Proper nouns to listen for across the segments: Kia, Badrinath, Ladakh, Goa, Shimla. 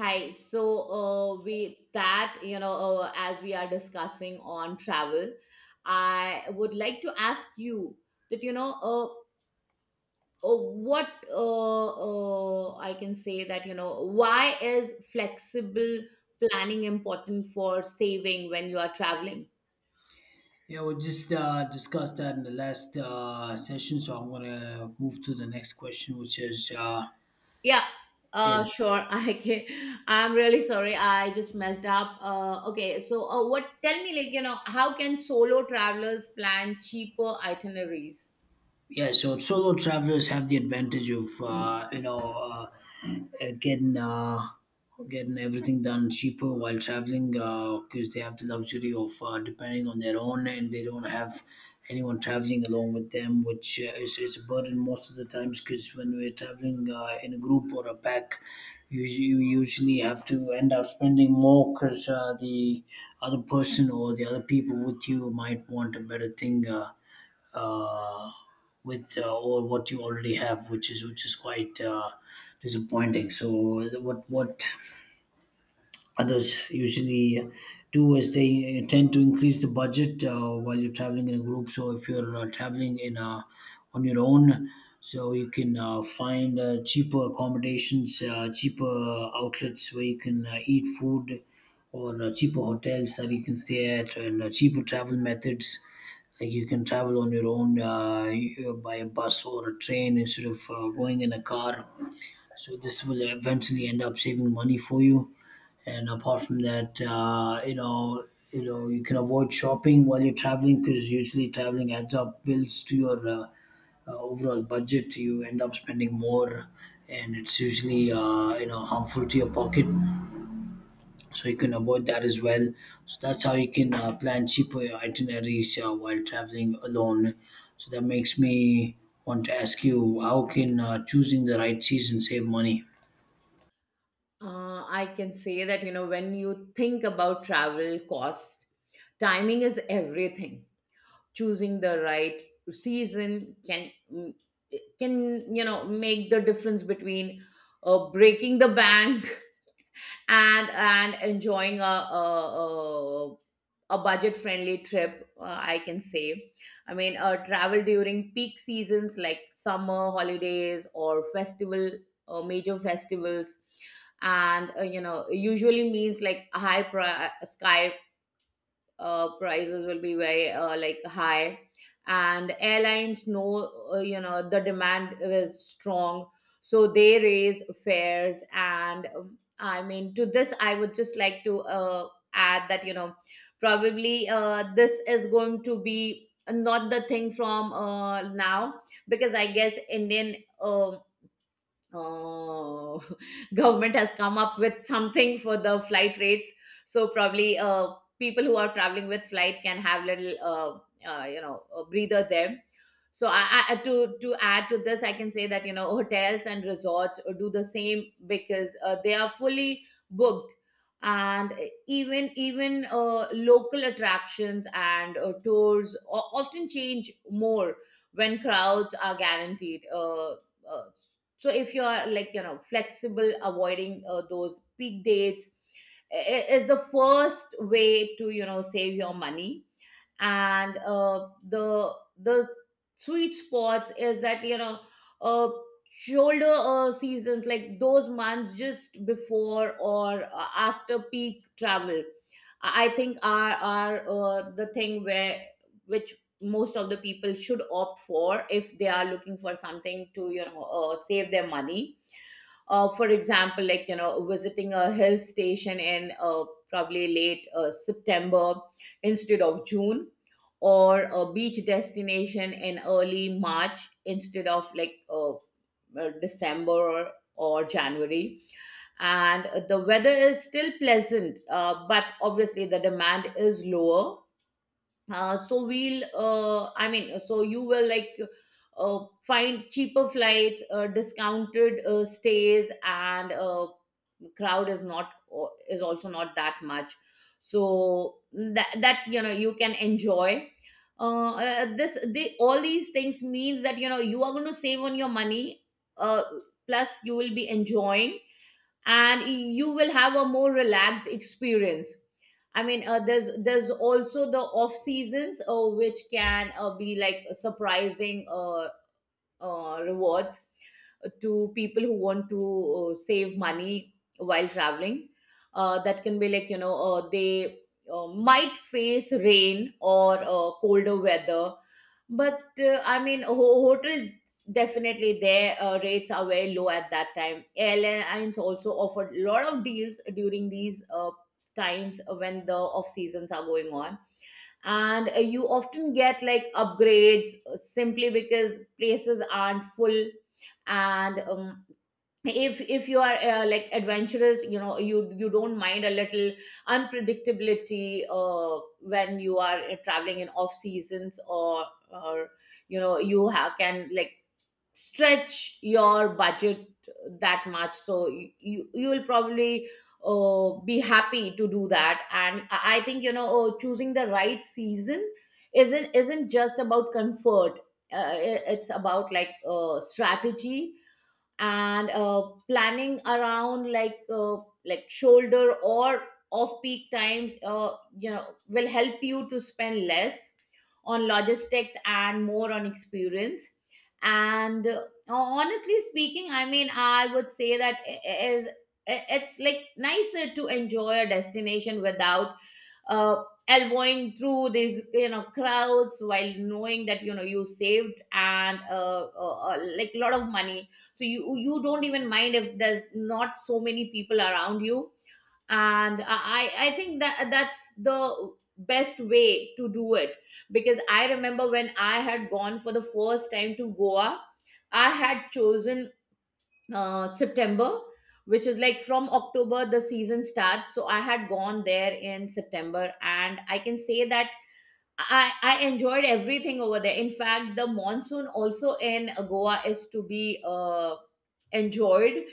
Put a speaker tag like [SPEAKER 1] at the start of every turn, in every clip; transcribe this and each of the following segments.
[SPEAKER 1] Hi. So, we that you know, as we are discussing on travel, I would like to ask you that you know, what I can say that why is flexible planning important for saving when you are traveling?
[SPEAKER 2] Yeah, we just discussed that in the last session, so I'm gonna move to the next question, which is
[SPEAKER 1] Yeah.
[SPEAKER 2] yeah,
[SPEAKER 1] Sure. I can. I'm really sorry. I just messed up. Okay. So, what? Tell me, how can solo travelers plan cheaper itineraries?
[SPEAKER 2] Yeah, so solo travelers have the advantage of uh, getting uh, getting everything done cheaper while traveling because they have the luxury of depending on their own, and they don't have anyone traveling along with them, which is a burden most of the times because when we're traveling in a group or a pack, you usually have to end up spending more because the other person or the other people with you might want a better thing. Uh, with Or what you already have, which is quite disappointing. So what others usually do is they tend to increase the budget while you're traveling in a group. So if you're traveling in on your own, so you can find cheaper accommodations, cheaper outlets where you can eat food, or cheaper hotels that you can stay at, and cheaper travel methods. Like you can travel on your own by a bus or a train instead of going in a car, so this will eventually end up saving money for you. And apart from that, you can avoid shopping while you're traveling because usually traveling adds up bills to your overall budget. You end up spending more, and it's usually you know harmful to your pocket. So you can avoid that as well. So that's how you can plan cheaper itineraries while traveling alone. So that makes me want to ask you, how can choosing the right season save money?
[SPEAKER 1] I can say that, you know, when you think about travel cost, timing is everything. Choosing the right season can, you know, make the difference between breaking the bank and enjoying a, a a budget friendly trip. I can say, travel during peak seasons like summer holidays or festival major festivals and, you know, usually means like sky prices will be very, like, high, and airlines know, you know, the demand is strong, so they raise fares. And I mean, to this I would just like to add that, you know, probably this is going to be not the thing from now, because I guess Indian um Oh, government has come up with something for the flight rates. So probably people who are traveling with flight can have little, you know, a breather there. So I, to add to this, I can say that, you know, hotels and resorts do the same because they are fully booked, and even local attractions and tours often change more when crowds are guaranteed. Uh, so if you are, like, you know, flexible, avoiding those peak dates is the first way to, you know, save your money. And the sweet spots is that, you know, uh, shoulder seasons, like those months just before or after peak travel, I think are the thing where which most of the people should opt for if they are looking for something to, you know, save their money. For example, like, you know, visiting a hill station in probably late September instead of June, or a beach destination in early March instead of, like, December or January, and the weather is still pleasant, but obviously the demand is lower. So we'll I mean So you will, like, find cheaper flights, discounted stays, and crowd is not uh, is also not that much, so that, that, you know, you can enjoy. This They, all these things means that, you know, you are going to save on your money, uh, plus you will be enjoying, and you will have a more relaxed experience. I mean, there's also the off seasons, which can be like surprising rewards to people who want to save money while traveling. That can be like, you know, they might face rain or colder weather, but I mean, hotels, definitely, their rates are very low at that time. Airlines also offered a lot of deals during these times when the off seasons are going on, and you often get, like, upgrades, simply because places aren't full. And if you are, like, adventurous, you know, you don't mind a little unpredictability when you are traveling in off seasons, or, you know, you have can, like, stretch your budget that much, so you will probably be happy to do that. And I think, you know, choosing the right season isn't just about comfort, it's about, like, strategy, and planning around like shoulder or off peak times, you know, will help you to spend less on logistics and more on experience. And honestly speaking, I mean, I would say that it's, like, nicer to enjoy a destination without uh, elbowing through these, you know, crowds, while knowing that, you know, you saved and like a lot of money, so you don't even mind if there's not so many people around you. And I think that that's the best way to do it, because I remember when I had gone for the first time to Goa, I had chosen September, which is like from October the season starts, so I had gone there in September, and I can say that I enjoyed everything over there. In fact, the monsoon also in Goa is to be enjoyed,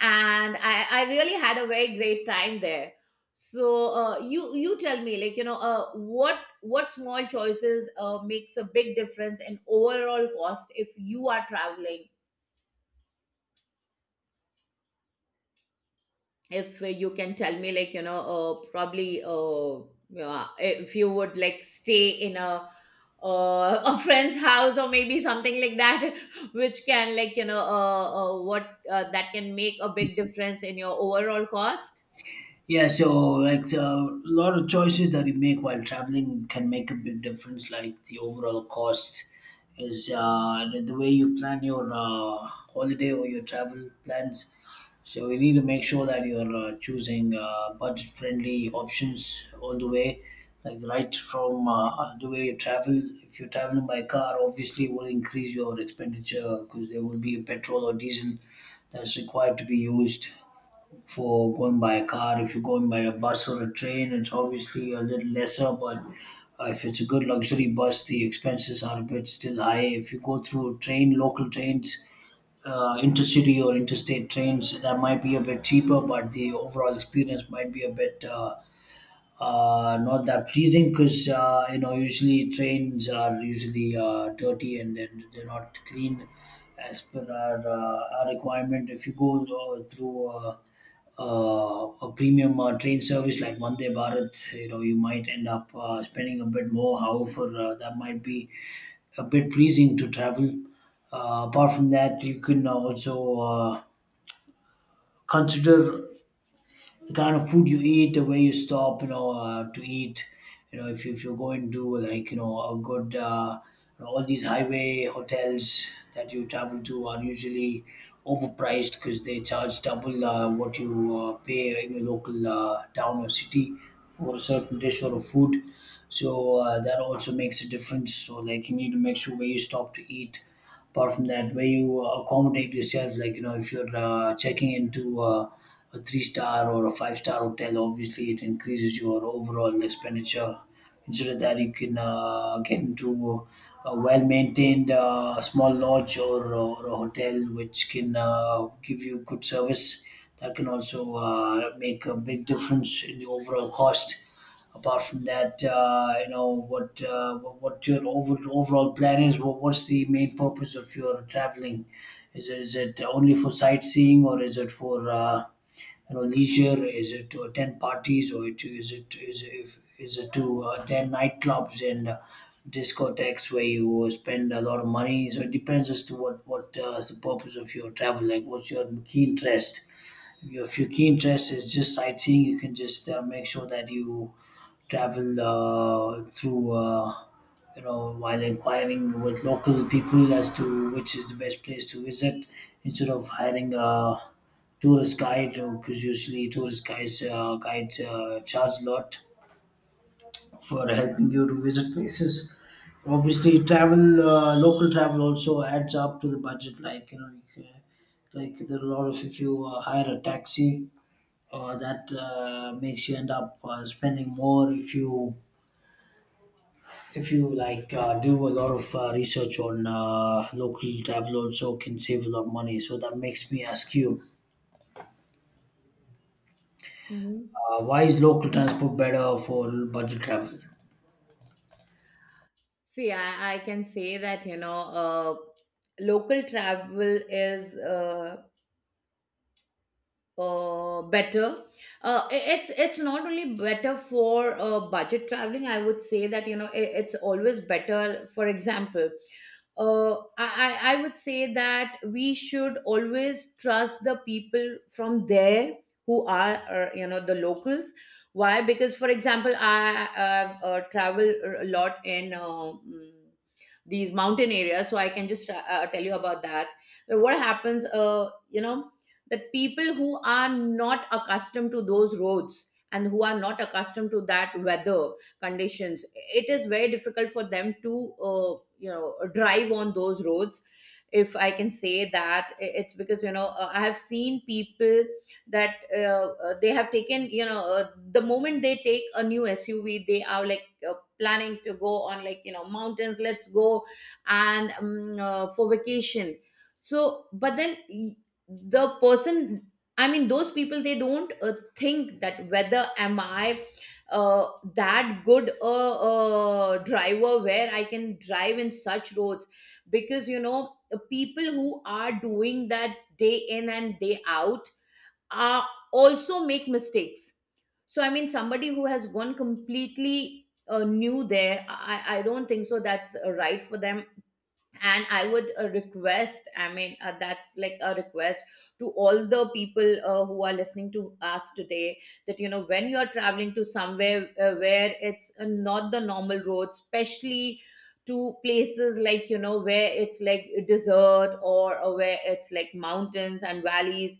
[SPEAKER 1] and I really had a very great time there. So you tell me, like, you know, what small choices makes a big difference in overall cost if you are traveling, if you can tell me, like, you know, probably, yeah, if you would, like, stay in a a friend's house or maybe something like that which can, like, you know, what that can make a big difference in your overall cost.
[SPEAKER 2] Yeah, so like, so a lot of choices that you make while traveling can make a big difference. Like the overall cost is the way you plan your holiday or your travel plans. So you need to make sure that you're choosing budget-friendly options all the way, like right from the way you travel. If you're traveling by car, obviously it will increase your expenditure because there will be a petrol or diesel that's required to be used for going by a car. If you're going by a bus or a train, it's obviously a little lesser, but if it's a good luxury bus, the expenses are a bit still high. If you go through train, local trains, intercity or interstate trains, that might be a bit cheaper, but the overall experience might be a bit not that pleasing because you know usually trains are usually dirty and they're not clean as per our requirement. If you go through a premium train service like Vande Bharat, you know you might end up spending a bit more. However, that might be a bit pleasing to travel. Apart from that, you can also consider the kind of food you eat, the way you stop, you know, to eat. You know, if you're going to like, you know, all these highway hotels that you travel to are usually overpriced because they charge double what you pay in your local town or city for a certain dish or a food. So that also makes a difference. So like you need to make sure where you stop to eat. Apart from that, where you accommodate yourself, like you know if you're checking into a three star or a five-star hotel, obviously it increases your overall expenditure. Instead of that, you can get into a well maintained small lodge or a hotel which can give you good service. That can also make a big difference in the overall cost. Apart from that, what your overall plan is. What's the main purpose of your traveling? Is it only for sightseeing, or is it for you know leisure? Is it to attend parties, or it is if is it to attend nightclubs and discotheques where you spend a lot of money? So it depends as to what is the purpose of your travel. Like, what's your key interest? If your key interest is just sightseeing, you can just make sure that you travel you know, while inquiring with local people as to which is the best place to visit, instead of hiring a tourist guide because usually guides charge a lot for helping you to visit places. Obviously, local travel also adds up to the budget. Like you know, like there are a lot of, if you hire a taxi, that makes you end up spending more. If you, if you like do a lot of research on local travel, also can save a lot of money. So that makes me ask you,
[SPEAKER 1] Mhm.
[SPEAKER 2] why is local transport better for budget travel?
[SPEAKER 1] See, I can say that, you know, local travel is better. It's not only better for budget traveling. I would say that, you know, it's always better. For example, I I would say that we should always trust the people from there who are, you know, the locals. Why? Because, for example, I travel a lot in mm, these mountain areas, so I can just tell you about that. So what happens, you know, that people who are not accustomed to those roads and who are not accustomed to that weather conditions, it is very difficult for them to you know, drive on those roads, if I can say that. It's because, you know, I have seen people that they have taken, you know, the moment they take a new SUV, they are like, planning to go on, like, you know, mountains, let's go, and for vacation. So but then the person, I mean, those people, they don't think that whether am I that good a driver where I can drive in such roads. Because, you know, people who are doing that day in and day out are also make mistakes. So I mean, somebody who has gone completely new there, I don't think so that's right for them. And I would request, I mean, that's like a request to all the people who are listening to us today, that, you know, when you are traveling to somewhere where it's not the normal road, especially to places like, you know, where it's like desert, or where it's like mountains and valleys,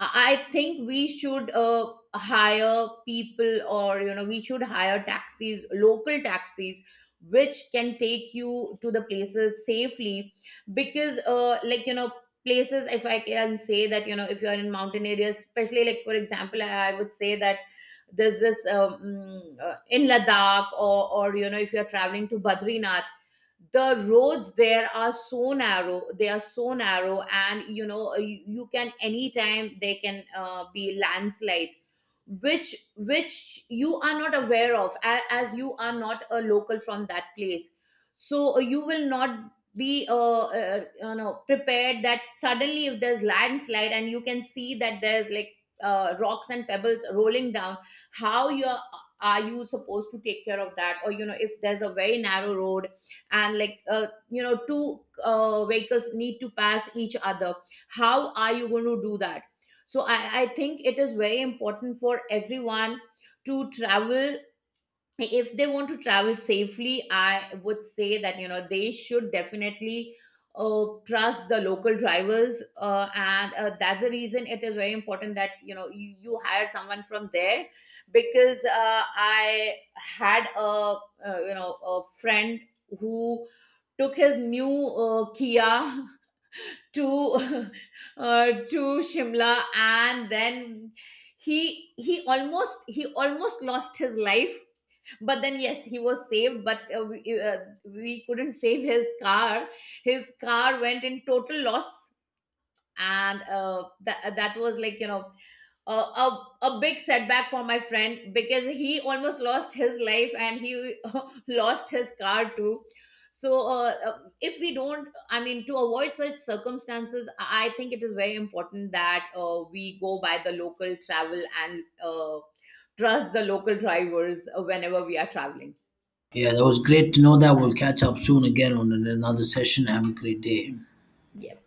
[SPEAKER 1] I think we should hire people or, you know, we should hire taxis, local taxis, which can take you to the places safely. Because like, you know, places if I can say that, you know, if you are in mountain areas, especially, like, for example, I would say that there's this in Ladakh, or, you know, if you're traveling to Badrinath, the roads there are so narrow, they are so narrow, and, you know, you can anytime, they can be landslides which you are not aware of as you are not a local from that place. So you will not be you know, prepared that suddenly if there's landslide and you can see that there's like rocks and pebbles rolling down, how you are you supposed to take care of that? Or, you know, if there's a very narrow road and like, you know, two vehicles need to pass each other, how are you going to do that? So I think it is very important for everyone to travel. If they want to travel safely, I would say that, you know, they should definitely trust the local drivers, and that's the reason it is very important that, you know, you hire someone from there. Because I had a, you know, a friend who took his new Kia to uh, to Shimla, and then he almost, he almost lost his life. But then yes, he was saved. But we couldn't save his car. His car went in total loss, and that that was like, you know, a big setback for my friend, because he almost lost his life and he lost his car too. So if we don't, I mean, to avoid such circumstances, I think it is very important that we go by the local travel and uh, trust the local drivers whenever we are traveling.
[SPEAKER 2] Yeah, that was great to know. That we'll catch up soon again on another session. Have a great day.
[SPEAKER 1] Yeah.